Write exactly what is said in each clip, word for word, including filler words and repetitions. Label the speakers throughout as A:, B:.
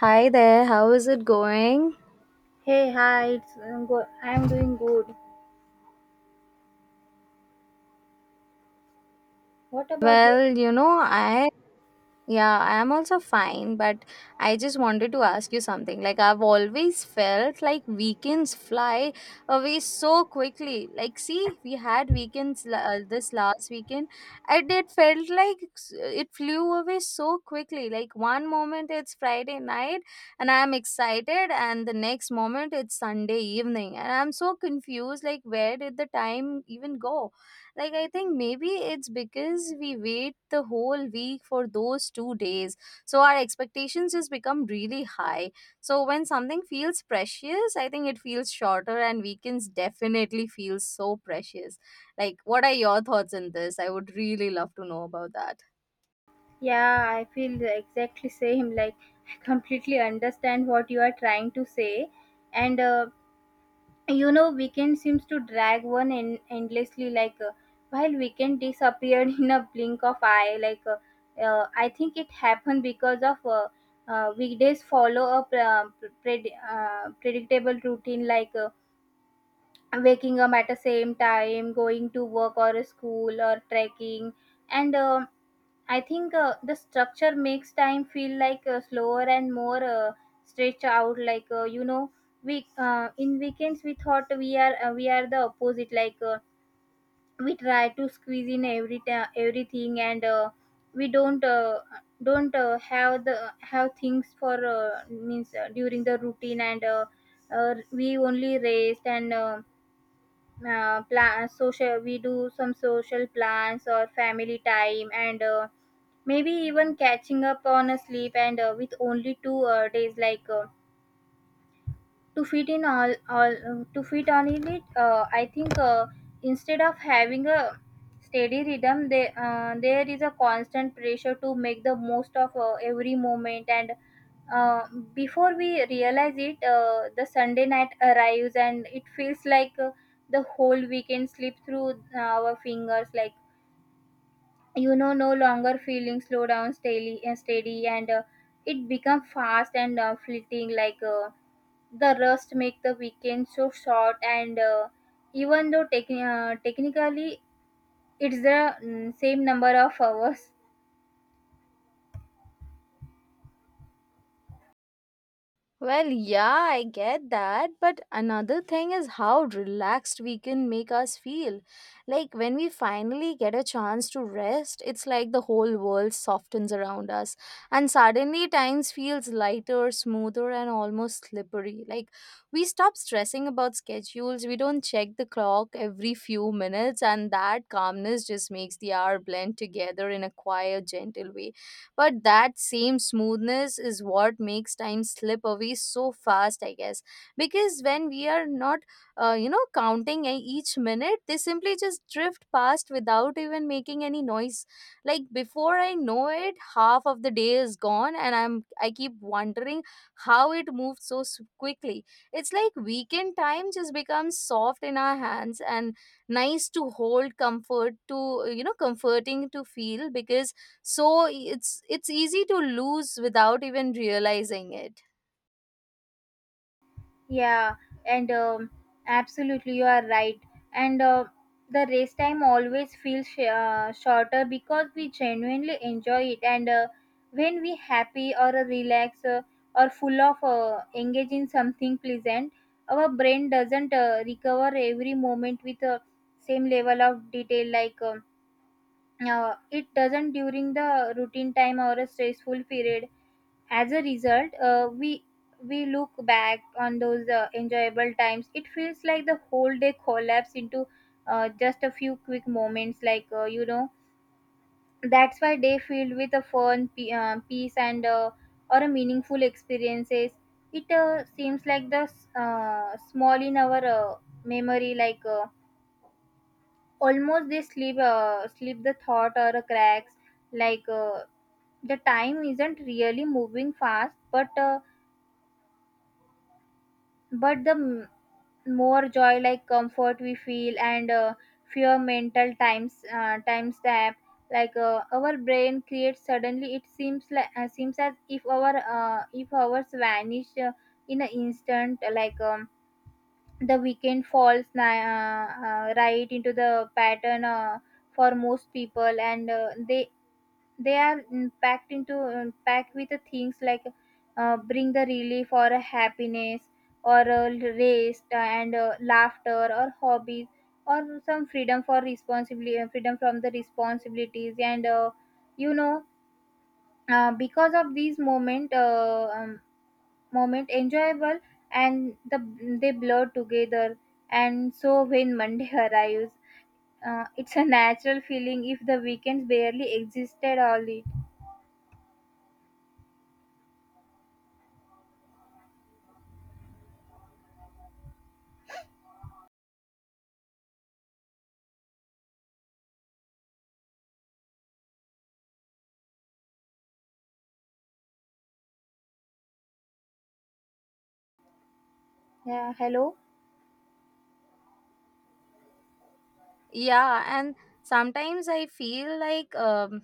A: Hi there, how is it going?
B: Hey, hi, it's, I'm, go- I'm doing good. What about you?
A: Well, you know, I yeah, I am also fine, but I just wanted to ask you something. Like, I've always felt like weekends fly away so quickly. Like see, we had weekends la- uh, this last weekend, and it felt like s- it flew away so quickly. Like one moment it's Friday night and I'm excited, and the next moment it's Sunday evening, and I'm so confused. Like, where did the time even go? Like, I think maybe it's because we wait the whole week for those two days. So our expectations just become really high. So when something feels precious, I think it feels shorter, and weekends definitely feel so precious. Like, what are your thoughts on this? I would really love to know about that.
B: Yeah, I feel the exactly same. Like, I completely understand what you are trying to say. And, uh, you know, weekend seems to drag one en- endlessly. Like, uh, while weekend disappeared in a blink of eye, like, uh, uh, I think it happened because of uh, uh, weekdays follow a pre- uh, pred- uh, predictable routine. Like, uh, waking up at the same time, going to work or school or trekking and um i think uh, the structure makes time feel like uh, slower and more uh, stretched out, like uh, you know we uh, in weekends we thought we are uh, we are the opposite. like uh, we try to squeeze in every ta- everything, and uh, we don't uh, don't uh, have the have things for uh, means uh, during the routine, and uh, uh, we only rest, and uh, uh, plan social we do some social plans or family time, and uh, maybe even catching up on a sleep, and uh, with only two uh, days, like uh, to fit in all all uh, to fit on in it uh, i think uh, instead of having a steady rhythm, they, uh, there is a constant pressure to make the most of uh, every moment, and uh, before we realize it uh, the sunday night arrives and it feels like uh, the whole weekend slipped through uh, our fingers, like, you know, no longer feeling slow down steady and steady, and uh, it become fast and uh, fleeting, like uh, the rust make the weekend so short, and uh, even though techni- uh, technically it's the mm, same number of hours.
A: Well, yeah, I get that. But another thing is how relaxed we can make us feel. Like, when we finally get a chance to rest, it's like the whole world softens around us. And suddenly, times feels lighter, smoother, and almost slippery. Like, we stop stressing about schedules, we don't check the clock every few minutes, and that calmness just makes the hour blend together in a quiet, gentle way. But that same smoothness is what makes time slip away so fast, I guess. Because when we are not, uh, you know, counting e- each minute, they simply just drift past without even making any noise. Like, before I know it, half of the day is gone, and I'm I keep wondering how it moved so s- quickly. It's like weekend time just becomes soft in our hands and nice to hold, comfort to you know, comforting to feel because so it's it's easy to lose without even realizing it.
B: Yeah, and um, absolutely you are right, and uh, the race time always feels sh- uh, shorter because we genuinely enjoy it, and uh, when we happy or uh, relax uh, or full of uh, engage in something pleasant, our brain doesn't uh, recover every moment with uh, same level of detail, like um uh, it doesn't during the routine time or a stressful period. As a result uh, we we look back on those uh, enjoyable times, it feels like the whole day collapsed into uh, just a few quick moments, like uh, you know, that's why day filled with a fun pe- uh, peace, and uh, or a meaningful experiences, it uh, seems like the s- uh, small in our uh, memory, like uh, almost they slip uh, slip the thought or a cracks, like uh, the time isn't really moving fast, but uh, but the m- more joy like comfort we feel, and uh, fear mental times, uh, time stamp, like uh, our brain creates, suddenly it seems like uh, seems as if our, uh, if hours vanish uh, in an instant, like um, the weekend falls ni- uh, uh, right into the pattern uh, for most people, and uh, they they are, mm, packed into um, packed with the things like, uh, bring the relief or a happiness or a rest, and uh, laughter or hobbies or some freedom for responsibility, uh, freedom from the responsibilities, and uh, you know, uh, because of these moment uh, um, moment enjoyable, and the they blur together, and so when monday arrives, uh, it's a natural feeling if the weekends barely existed all it. Yeah, hello.
A: Yeah, and sometimes I feel like um,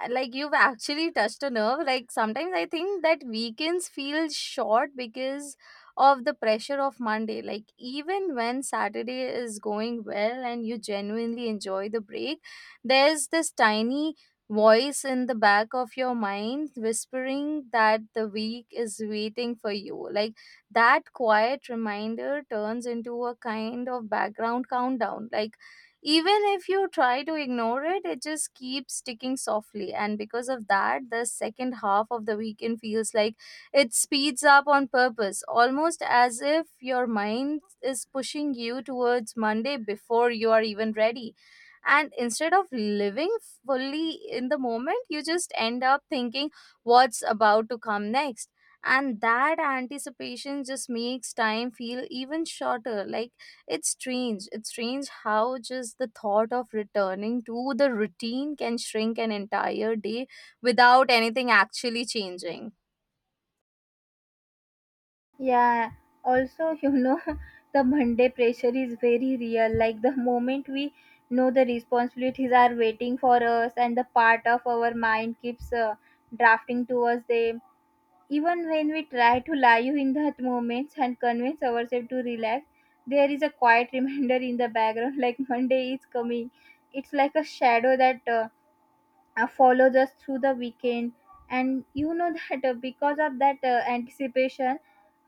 A: Uh, like you've actually touched a nerve. Like, sometimes I think that weekends feel short because of the pressure of Monday. Like, even when Saturday is going well and you genuinely enjoy the break, there's this tiny voice in the back of your mind whispering that the week is waiting for you. Like, that quiet reminder turns into a kind of background countdown. Like, even if you try to ignore it, it just keeps ticking softly, and because of that, the second half of the weekend feels like it speeds up on purpose, almost as if your mind is pushing you towards Monday before you are even ready. And instead of living fully in the moment, you just end up thinking what's about to come next, and that anticipation just makes time feel even shorter. Like, it's strange. It's strange how just the thought of returning to the routine can shrink an entire day without anything actually changing.
B: Yeah, also, you know, the Monday pressure is very real. Like the moment we know the responsibilities are waiting for us, and the part of our mind keeps uh, drafting towards them. Even when we try to lie you in that moments and convince ourselves to relax, there is a quiet reminder in the background like Monday is coming. It's like a shadow that uh, uh, follows us through the weekend, and you know that uh, because of that uh, anticipation,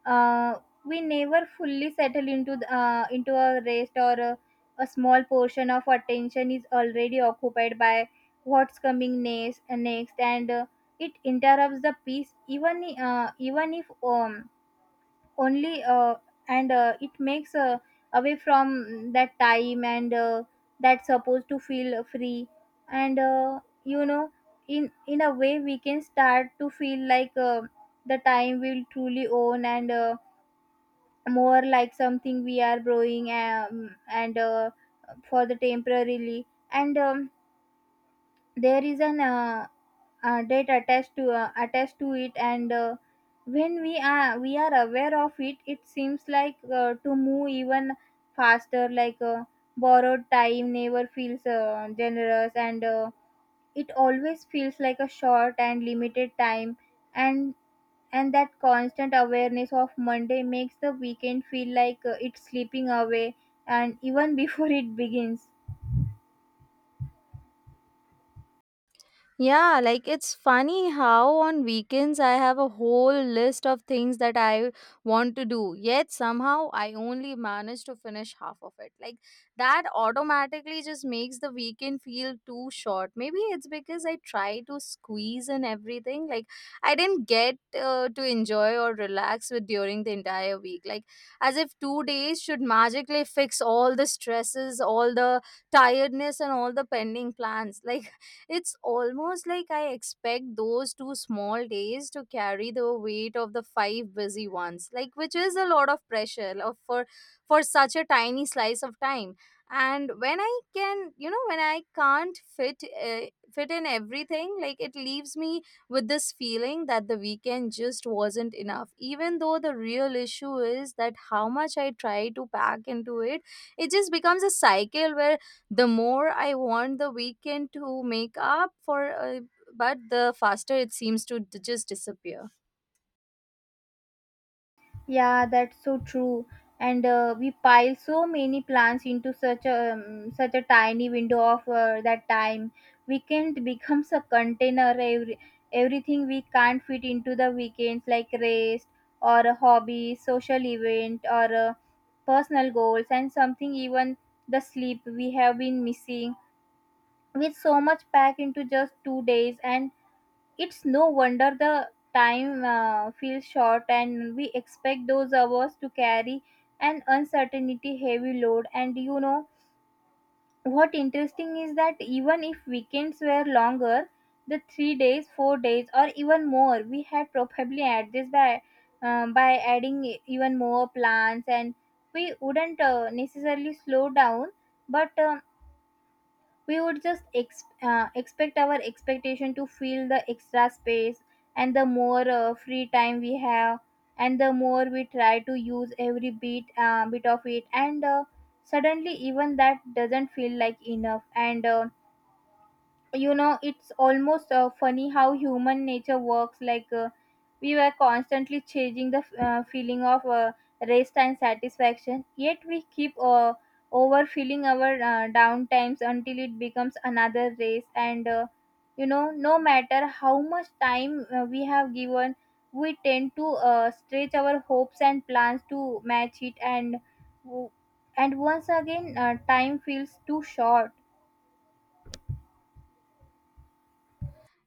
B: uh, we never fully settle into the, uh, into a rest, or a, a small portion of attention is already occupied by what's coming next uh, next, and uh, it interrupts the peace, even i- uh, even if um only, uh, and uh, it makes, uh, away from that time, and uh, that's supposed to feel free, and uh, you know, in in a way we can start to feel like uh, the time we'll truly own, and uh, more like something we are growing, um, and uh, for the temporarily, and um, there is an uh, uh, date attached to, uh, attached to it, and uh, when we are we are aware of it, it seems like uh, to move even faster, like uh, borrowed time never feels uh, generous, and uh, it always feels like a short and limited time, and and that constant awareness of monday makes the weekend feel like uh, it's slipping away, and even before it begins.
A: Yeah, like it's funny how on weekends I have a whole list of things that I want to do, yet somehow I only manage to finish half of it. Like, that automatically just makes the weekend feel too short. Maybe it's because I try to squeeze in everything. Like, I didn't get uh, to enjoy or relax with during the entire week. Like, as if two days should magically fix all the stresses, all the tiredness, and all the pending plans. Like, it's almost like I expect those two small days to carry the weight of the five busy ones, like, which is a lot of pressure of- for for such a tiny slice of time. And when I can, you know, when I can't fit uh, fit in everything, like, it leaves me with this feeling that the weekend just wasn't enough. Even though the real issue is that how much I try to pack into it, it just becomes a cycle where the more I want the weekend to make up for, uh, but the faster it seems to d- just disappear.
B: Yeah, that's so true. And uh, we pile so many plans into such a um, such a tiny window of uh, that time. Weekend becomes a container. Every everything we can't fit into the weekends, like rest or a hobby, social event, or uh, personal goals, and something even the sleep we have been missing. With so much packed into just two days, and it's no wonder the time uh, feels short, and we expect those hours to carry an uncertainty heavy load. And you know what interesting is, that even if weekends were longer, the three days, four days, or even more, we had probably add this by um, by adding e- even more plans, and we wouldn't uh, necessarily slow down, but um, we would just ex- uh, expect our expectation to feel the extra space, and the more uh, free time we have, and the more we try to use every bit uh, bit of it, and uh, suddenly even that doesn't feel like enough, and uh, you know, it's almost uh, funny how human nature works, like uh, we were constantly changing the uh, feeling of uh, rest and satisfaction, yet we keep uh, overfilling our uh, down until it becomes another race, and uh, you know, no matter how much time uh, we have given, we tend to uh, stretch our hopes and plans to match it, and and once again uh, time feels too short.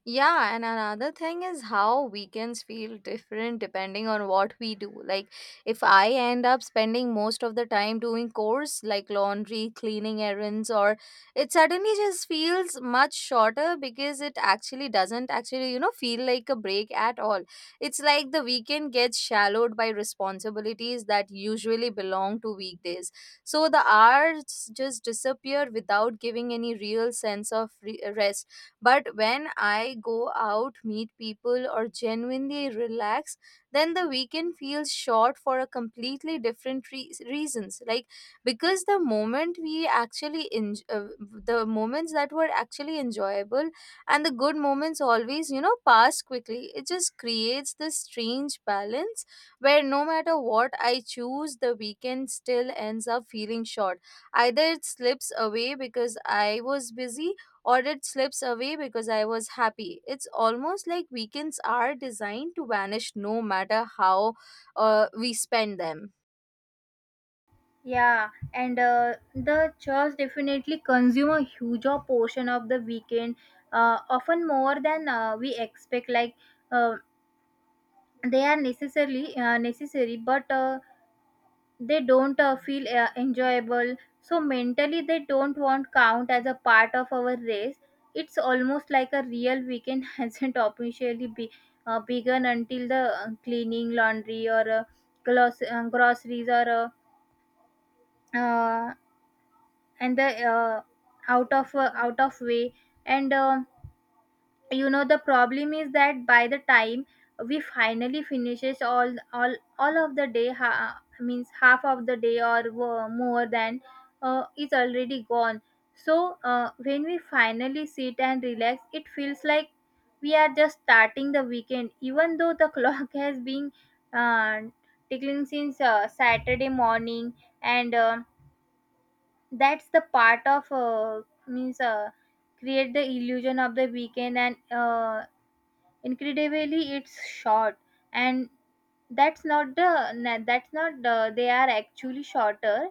A: Yeah, and another thing is how weekends feel different depending on what we do. Like, if I end up spending most of the time doing chores like laundry, cleaning errands, or it suddenly just feels much shorter because it actually doesn't actually, you know, feel like a break at all. It's like the weekend gets shallowed by responsibilities that usually belong to weekdays. So the hours just disappear without giving any real sense of re- rest, but when I go out, meet people, or genuinely relax, then the weekend feels short for a completely different re- reasons. Like, because the moment we actually in uh, the moments that were actually enjoyable and the good moments always, you know, pass quickly. It just creates this strange balance where no matter what I choose, the weekend still ends up feeling short. Either it slips away because I was busy, Audit slips away because I was happy. It's almost like weekends are designed to vanish no matter how uh, we spend them.
B: Yeah, and uh, the church definitely consume a huge portion of the weekend, uh, often more than uh, we expect. Like uh, they are necessarily uh, necessary, but uh, they don't uh, feel uh, enjoyable. So mentally, they don't want count as a part of our race. It's almost like a real weekend hasn't officially be, uh, begun until the uh, cleaning, laundry, or uh, gloss, uh, groceries, or uh, uh, and the uh, out of, uh, out of way, and um you know, the problem is that by the time we finally finishes all all all of the day, ha- means half of the day or wo- more than uh, is already gone, so uh, when we finally sit and relax, it feels like we are just starting the weekend, even though the clock has been uh, tickling since uh, saturday morning, and um that's the part of uh, means uh, create the illusion of the weekend, and uh, incredibly it's short, and that's not the na- that's not the, they are actually shorter,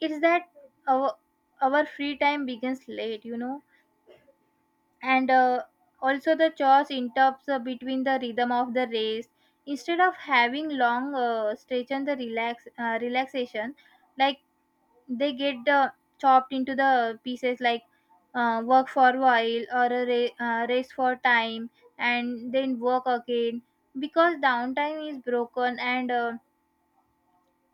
B: it's that our, our free time begins late, you know, and uh, also the chores interrupts uh, between the rhythm of the race, instead of having long uh, stretch and the relax uh, relaxation, like, they get uh, chopped into the pieces, like, uh, work for a while or a ra- uh, rest for time, and then work again, because downtime is broken, and uh,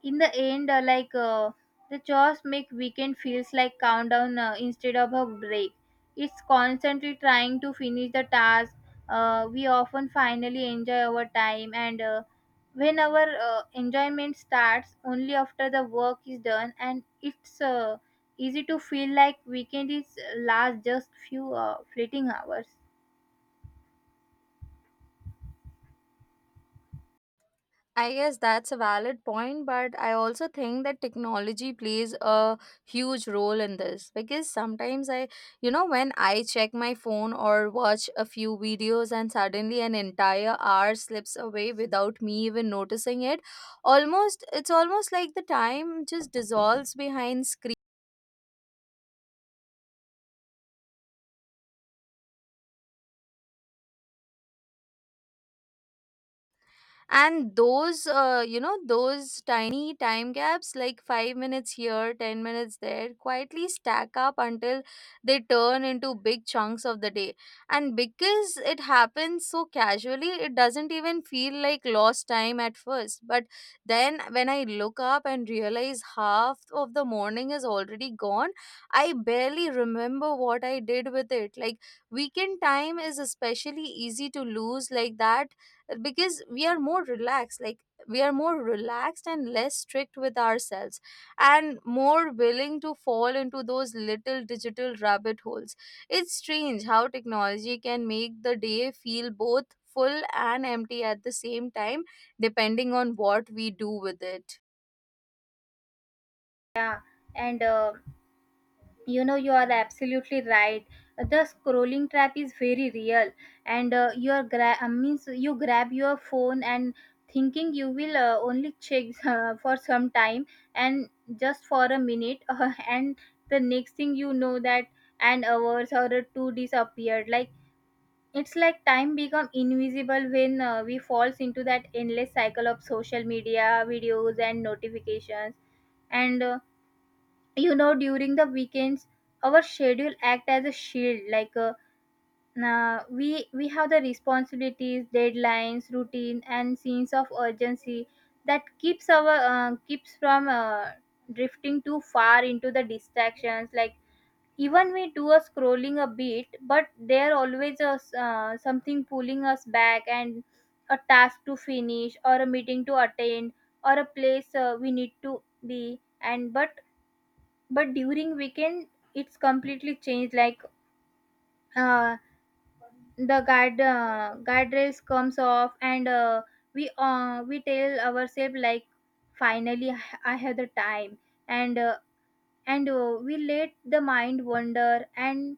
B: in the end uh, like uh, the chores make weekend feels like countdown, uh, instead of a break, it's constantly trying to finish the task, uh, we often finally enjoy our time, and uh, when our uh, enjoyment starts only after the work is done, and it's uh, easy to feel like weekend is uh, last just few uh, fleeting hours.
A: I guess that's a valid point, but I also think that technology plays a huge role in this because sometimes I, you know, when I check my phone or watch a few videos and suddenly an entire hour slips away without me even noticing it, almost it's almost like the time just dissolves behind screen. And those uh, you know, those tiny time gaps, like five minutes here, ten minutes there, quietly stack up until they turn into big chunks of the day. And because it happens so casually, it doesn't even feel like lost time at first, but then when I look up and realize half of the morning is already gone, I barely remember what I did with it. Like, weekend time is especially easy to lose like that, because we are more relaxed like we are more relaxed and less strict with ourselves and more willing to fall into those little digital rabbit holes. It's strange how technology can make the day feel both full and empty at the same time, depending on what we do with it.
B: Yeah, and uh, you know, you are absolutely right, the scrolling trap is very real, and uh, your gra- uh, means you grab your phone and thinking you will uh, only check uh, for some time, and just for a minute, uh, and the next thing you know, that an hours or a two disappeared, like, it's like time become invisible when uh, we falls into that endless cycle of social media videos and notifications, and uh, you know, during the weekends, our schedule act as a shield, like uh, na- we we have the responsibilities, deadlines, routine, and scenes of urgency that keeps our, uh, keeps from uh, drifting too far into the distractions, like, even we do a scrolling a bit, but there always a, s- uh, something pulling us back, and a task to finish or a meeting to attend, or a place uh, we need to be. And but but during weekend it's completely changed. Like uh, the guard uh, guardrails comes off. And uh, we uh, we tell ourselves, like, finally I have the time. And uh, and uh, we let the mind wander. And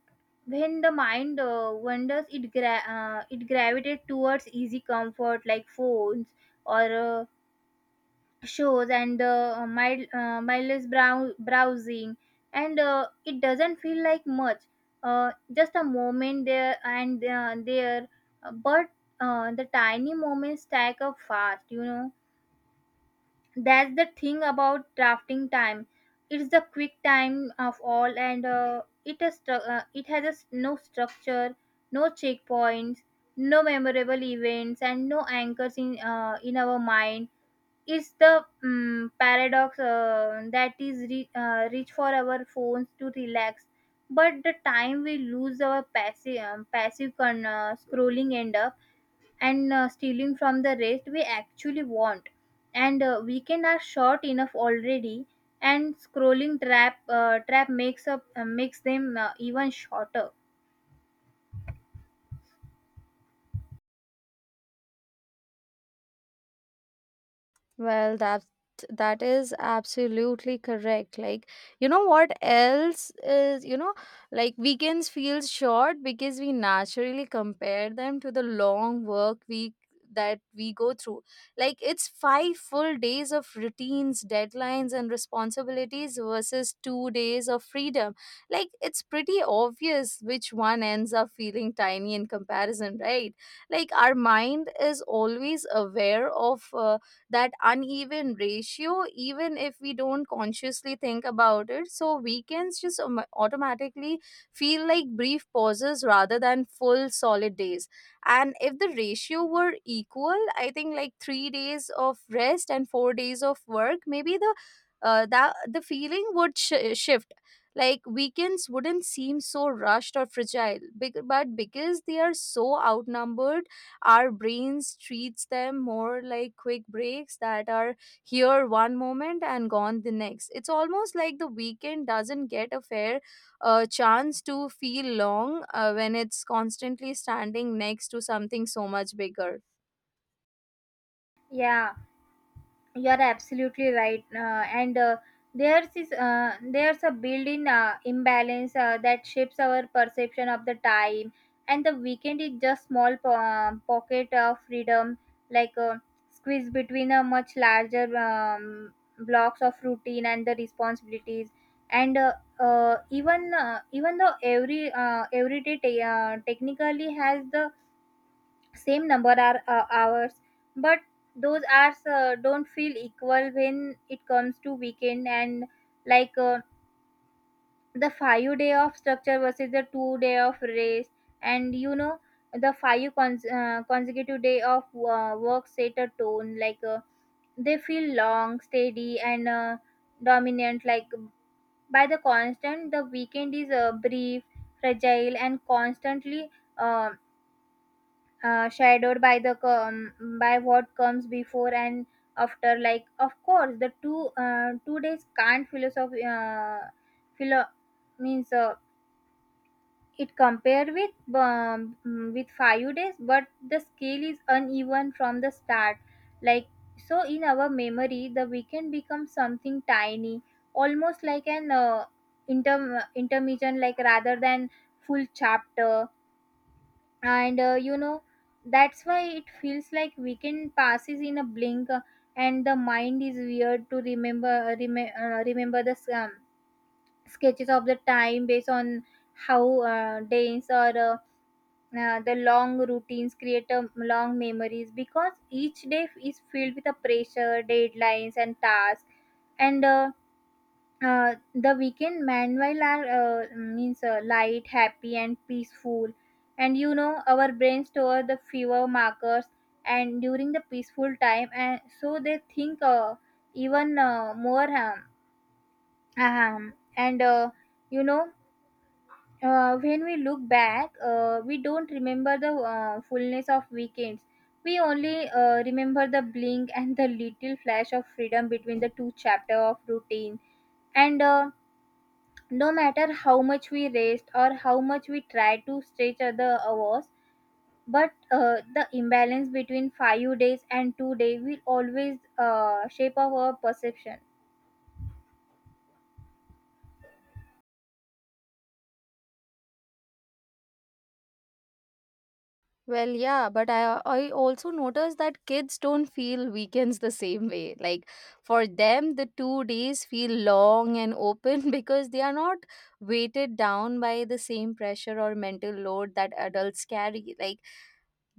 B: when the mind uh, wanders, it gra- uh, it gravitates towards easy comfort like phones or uh, shows and uh, mild, uh, mindless brow- browsing. And uh, it doesn't feel like much. Uh, just a moment there and uh, there. Uh, but uh, the tiny moments stack up fast you know That's the thing about drafting time. It's the quick time of all, and uh, it has stru- uh, it has a s no structure, no checkpoints, no memorable events, and no anchors in uh, in our mind. It's the mm paradox uh, that is re- uh, reach for our phones to relax, but the time we lose our passive um, passive con- uh, scrolling end up and uh, stealing from the rest we actually want, and uh, weekend are short enough already, and scrolling trap uh, trap makes up uh, makes them uh, even shorter.
A: Well, that that is absolutely correct. Like, you know what else is, you know, like weekends feel short because we naturally compare them to the long work week that we go through. Like, it's five full days of routines, deadlines, and responsibilities versus two days of freedom. Like, it's pretty obvious which one ends up feeling tiny in comparison, right? Like, our mind is always aware of. Uh, that uneven ratio, even if we don't consciously think about it, so weekends just um, automatically feel like brief pauses rather than full solid days. And if the ratio were equal, I think, like, three days of rest and four days of work, maybe the uh, that the feeling would sh- shift. Like, weekends wouldn't seem so rushed or fragile, bec- but because they are so outnumbered, our brains treats them more like quick breaks that are here one moment and gone the next. It's almost like the weekend doesn't get a fair uh, chance to feel long, uh, when it's constantly standing next to something so much bigger.
B: Yeah. You are absolutely right, uh, and uh, there's is uh, there's a built-in uh, imbalance uh, that shapes our perception of the time. And the weekend is just small po- uh, pocket of freedom, like, uh, squeeze between a much larger um, blocks of routine and the responsibilities. And uh, uh, even uh, even though every uh, every day ta- uh, technically has the same number are uh, hours, but those hours uh, don't feel equal when it comes to weekend. And, like uh, the five day of structure versus the two day of rest. And, you know, the five cons- uh, consecutive day of uh, work set a tone, like uh, they feel long, steady, and uh, dominant. Like, by the constant the weekend is uh, brief, fragile, and constantly uh, uh, shadowed by the com- by what comes before and after. Like, of course, the two uh, two days can't philosophy uh, philo- means uh, it compare with um, with five days, but the scale is uneven from the start. Like, so in our memory the weekend becomes something tiny, almost like an uh, inter intermission, like, rather than full chapter. And, uh, you know, that's why it feels like weekend passes in a blink. Uh, and the mind is weird to remember uh, rem- uh, remember the um, sketches of the time based on how uh, days or uh, uh, the long routines create a long memories because each day is filled with a pressure deadlines and tasks. And uh, uh, the weekend meanwhile are uh, means uh, light, happy, and peaceful. And, you know, our brain store the fever markers and during the peaceful time, and so they think uh, even uh, more. Um, um, and uh, You know, uh, when we look back uh, we don't remember the uh, fullness of weekends, we only uh, remember the blink and the little flash of freedom between the two chapter of routine. And uh, No matter how much we raced or how much we tried to stretch other hours, but uh, the imbalance between five days and two days will always uh, shape up our perception.
A: Well, yeah, but I I also noticed that kids don't feel weekends the same way. Like, for them, the two days feel long and open because they are not weighted down by the same pressure or mental load that adults carry. Like,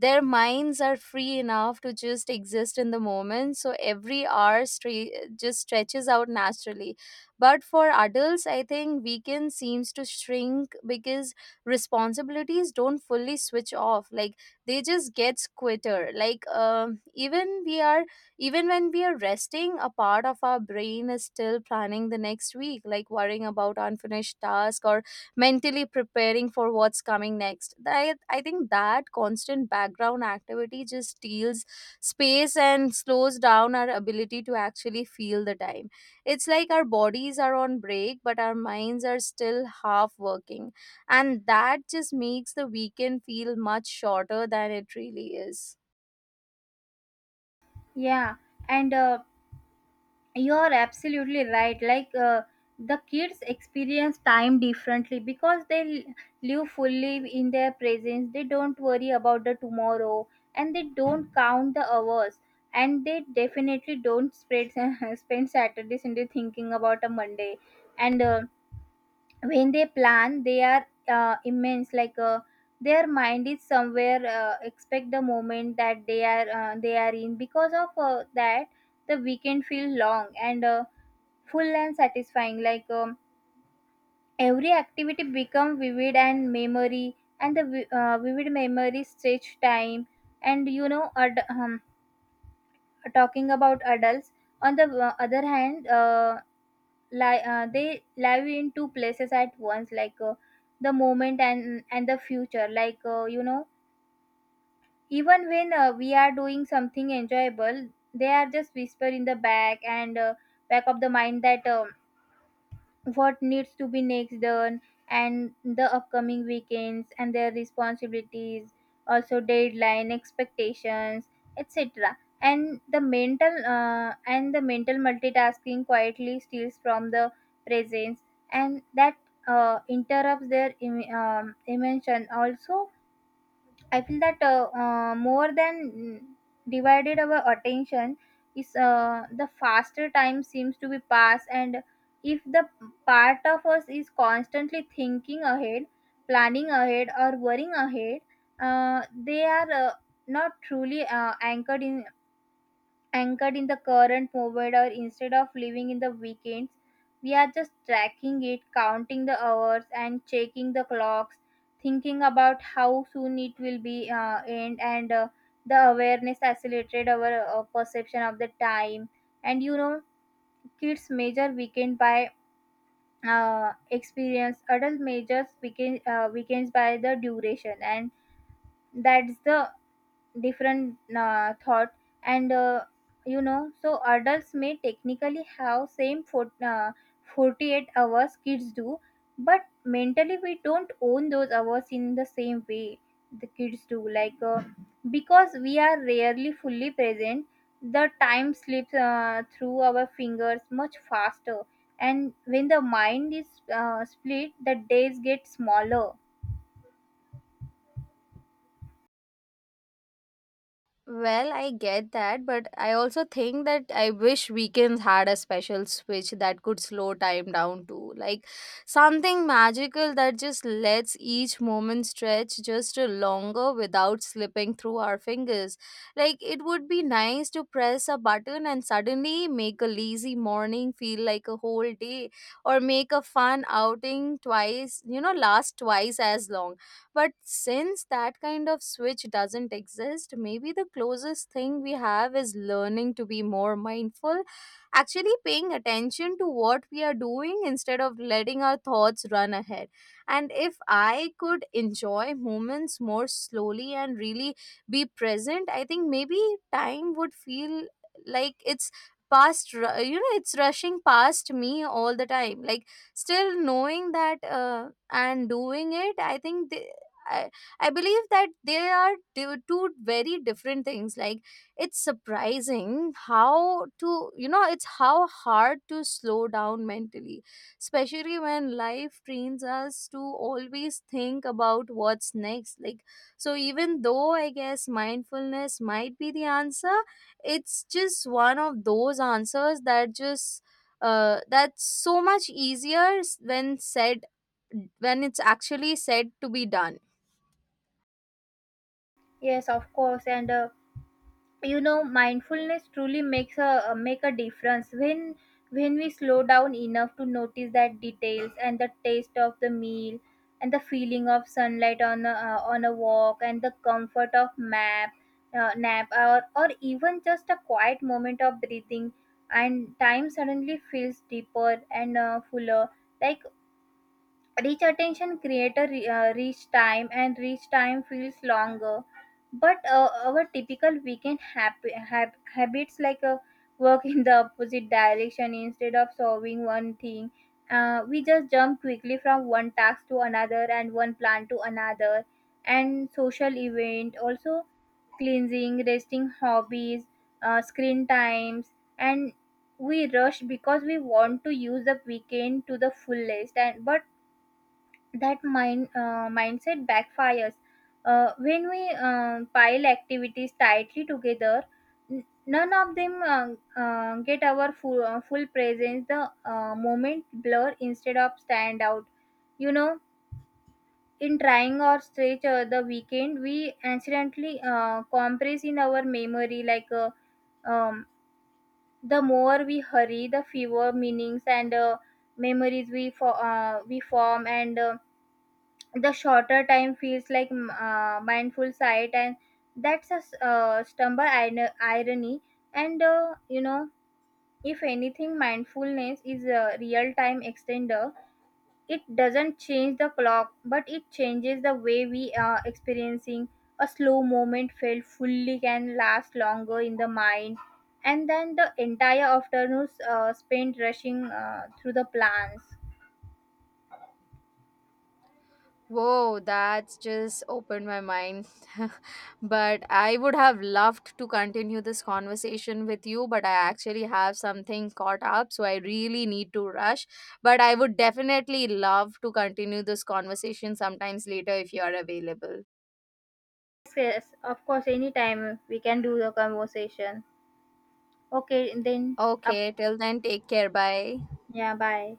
A: their minds are free enough to just exist in the moment, so every hour stre- just stretches out naturally. But for adults, I think weekend seems to shrink because responsibilities don't fully switch off. Like, they just get quitter. Like, um, even we are even when we are resting, a part of our brain is still planning the next week, like worrying about unfinished tasks or mentally preparing for what's coming next. I, I think that constant background activity just steals space and slows down our ability to actually feel the time. It's like our bodies are on break, but our minds are still half working. And that just makes the weekend feel much shorter than it really is.
B: Yeah. And uh, you're absolutely right. Like uh, the kids experience time differently because they l- live fully in their presence. They don't worry about the tomorrow, and they don't count the hours, and they definitely don't spread, spend saturday sunday thinking about a monday. And uh, when they plan they are uh, immense. Like uh, their mind is somewhere uh, expect the moment that they are uh, they are in because of uh, that the weekend feel long and uh, full and satisfying. Like um, every activity become vivid and memory and the vi- uh, vivid memory stretch time. And, you know, ad- um, talking about adults on the uh, other hand, uh, li- uh, they live in two places at once, like uh, the moment and and the future, like uh, you know, even when uh, we are doing something enjoyable, they are just whisper in the back and uh, back of the mind that um, what needs to be next done and the upcoming weekends and their responsibilities, also deadline expectations, etc. And the mental uh, and the mental multitasking quietly steals from the presence. And that uh, interrupts their im- um, emotion also. I feel that uh, uh, more than divided our attention is uh, the faster time seems to be passed, and if the part of us is constantly thinking ahead, planning ahead, or worrying ahead, uh, they are uh, not truly uh, anchored in anchored in the current moment, or instead of living in the weekends we are just tracking it, counting the hours, and checking the clocks, thinking about how soon it will be uh, end. And uh, the awareness accelerated our uh, perception of the time. And, you know, kids measure weekend by uh, experience, adult measures weekend, uh, weekends by the duration, and that's the different uh, thought. And uh, you know, so adults may technically have same for, uh, forty-eight hours kids do, but mentally we don't own those hours in the same way the kids do. Like uh, because we are rarely fully present, the time slips uh, through our fingers much faster. And when the mind is uh, split, the days get smaller.
A: Well, I get that, but I also think that I wish weekends had a special switch that could slow time down too. Like, something magical that just lets each moment stretch just a longer without slipping through our fingers. Like, it would be nice to press a button and suddenly make a lazy morning feel like a whole day or make a fun outing twice, you know, last twice as long. But since that kind of switch doesn't exist, maybe the closest thing we have is learning to be more mindful, actually paying attention to what we are doing instead of letting our thoughts run ahead. And if I could enjoy moments more slowly and really be present, I think maybe time would feel like it's past ru- you know, it's rushing past me all the time. Like, still knowing that uh, and doing it, I think I, I believe that they are two two very different things. Like, it's surprising how to you know it's how hard to slow down mentally, especially when life trains us to always think about what's next. Like, so, even though I guess mindfulness might be the answer, it's just one of those answers that just uh, that's so much easier s- when said when it's actually said to be done.
B: Yes, of course. And uh, you know, mindfulness truly makes a uh, make a difference when when we slow down enough to notice that details and the taste of the meal and the feeling of sunlight on a, uh, on a walk, and the comfort of map uh, nap or or even just a quiet moment of breathing, and time suddenly feels deeper and uh, fuller. Like, Rich attention creates a re- uh, rich time, and rich time feels longer. But uh, our typical weekend hab- hab- habits, like, uh, work in the opposite direction. Instead of solving one thing, uh, we just jump quickly from one task to another and one plan to another, and social event also, cleansing, resting hobbies, uh, screen times, and we rush because we want to use the weekend to the fullest. And but that mind uh, mindset backfires uh, when we uh, pile activities tightly together. N- none of them uh, uh, get our full, uh, full presence. The uh, moment blur instead of stand out, you know. In trying or stretch uh, the weekend, we accidentally uh, compress in our memory. like uh, um, the more we hurry, the fewer meanings and uh, memories we, fo- uh, we form, and uh, the shorter time feels, like mm, uh, mindful sight. And that's a s- uh, stumble ir- irony. And uh, you know, if anything, mindfulness is a real time extender. It doesn't change the clock, but it changes the way we are experiencing. A slow moment felt fully can last longer in the mind, and then the entire afternoon uh, spent rushing uh, through the plans.
A: Whoa, that's just opened my mind. But I would have loved to continue this conversation with you, but I actually have something caught up, so I really need to rush. But I would definitely love to continue this conversation sometimes later if you are available.
B: Yes, of course, anytime we can do the conversation. Okay, then up.
A: Okay, till then, take care. Bye.
B: Yeah, bye.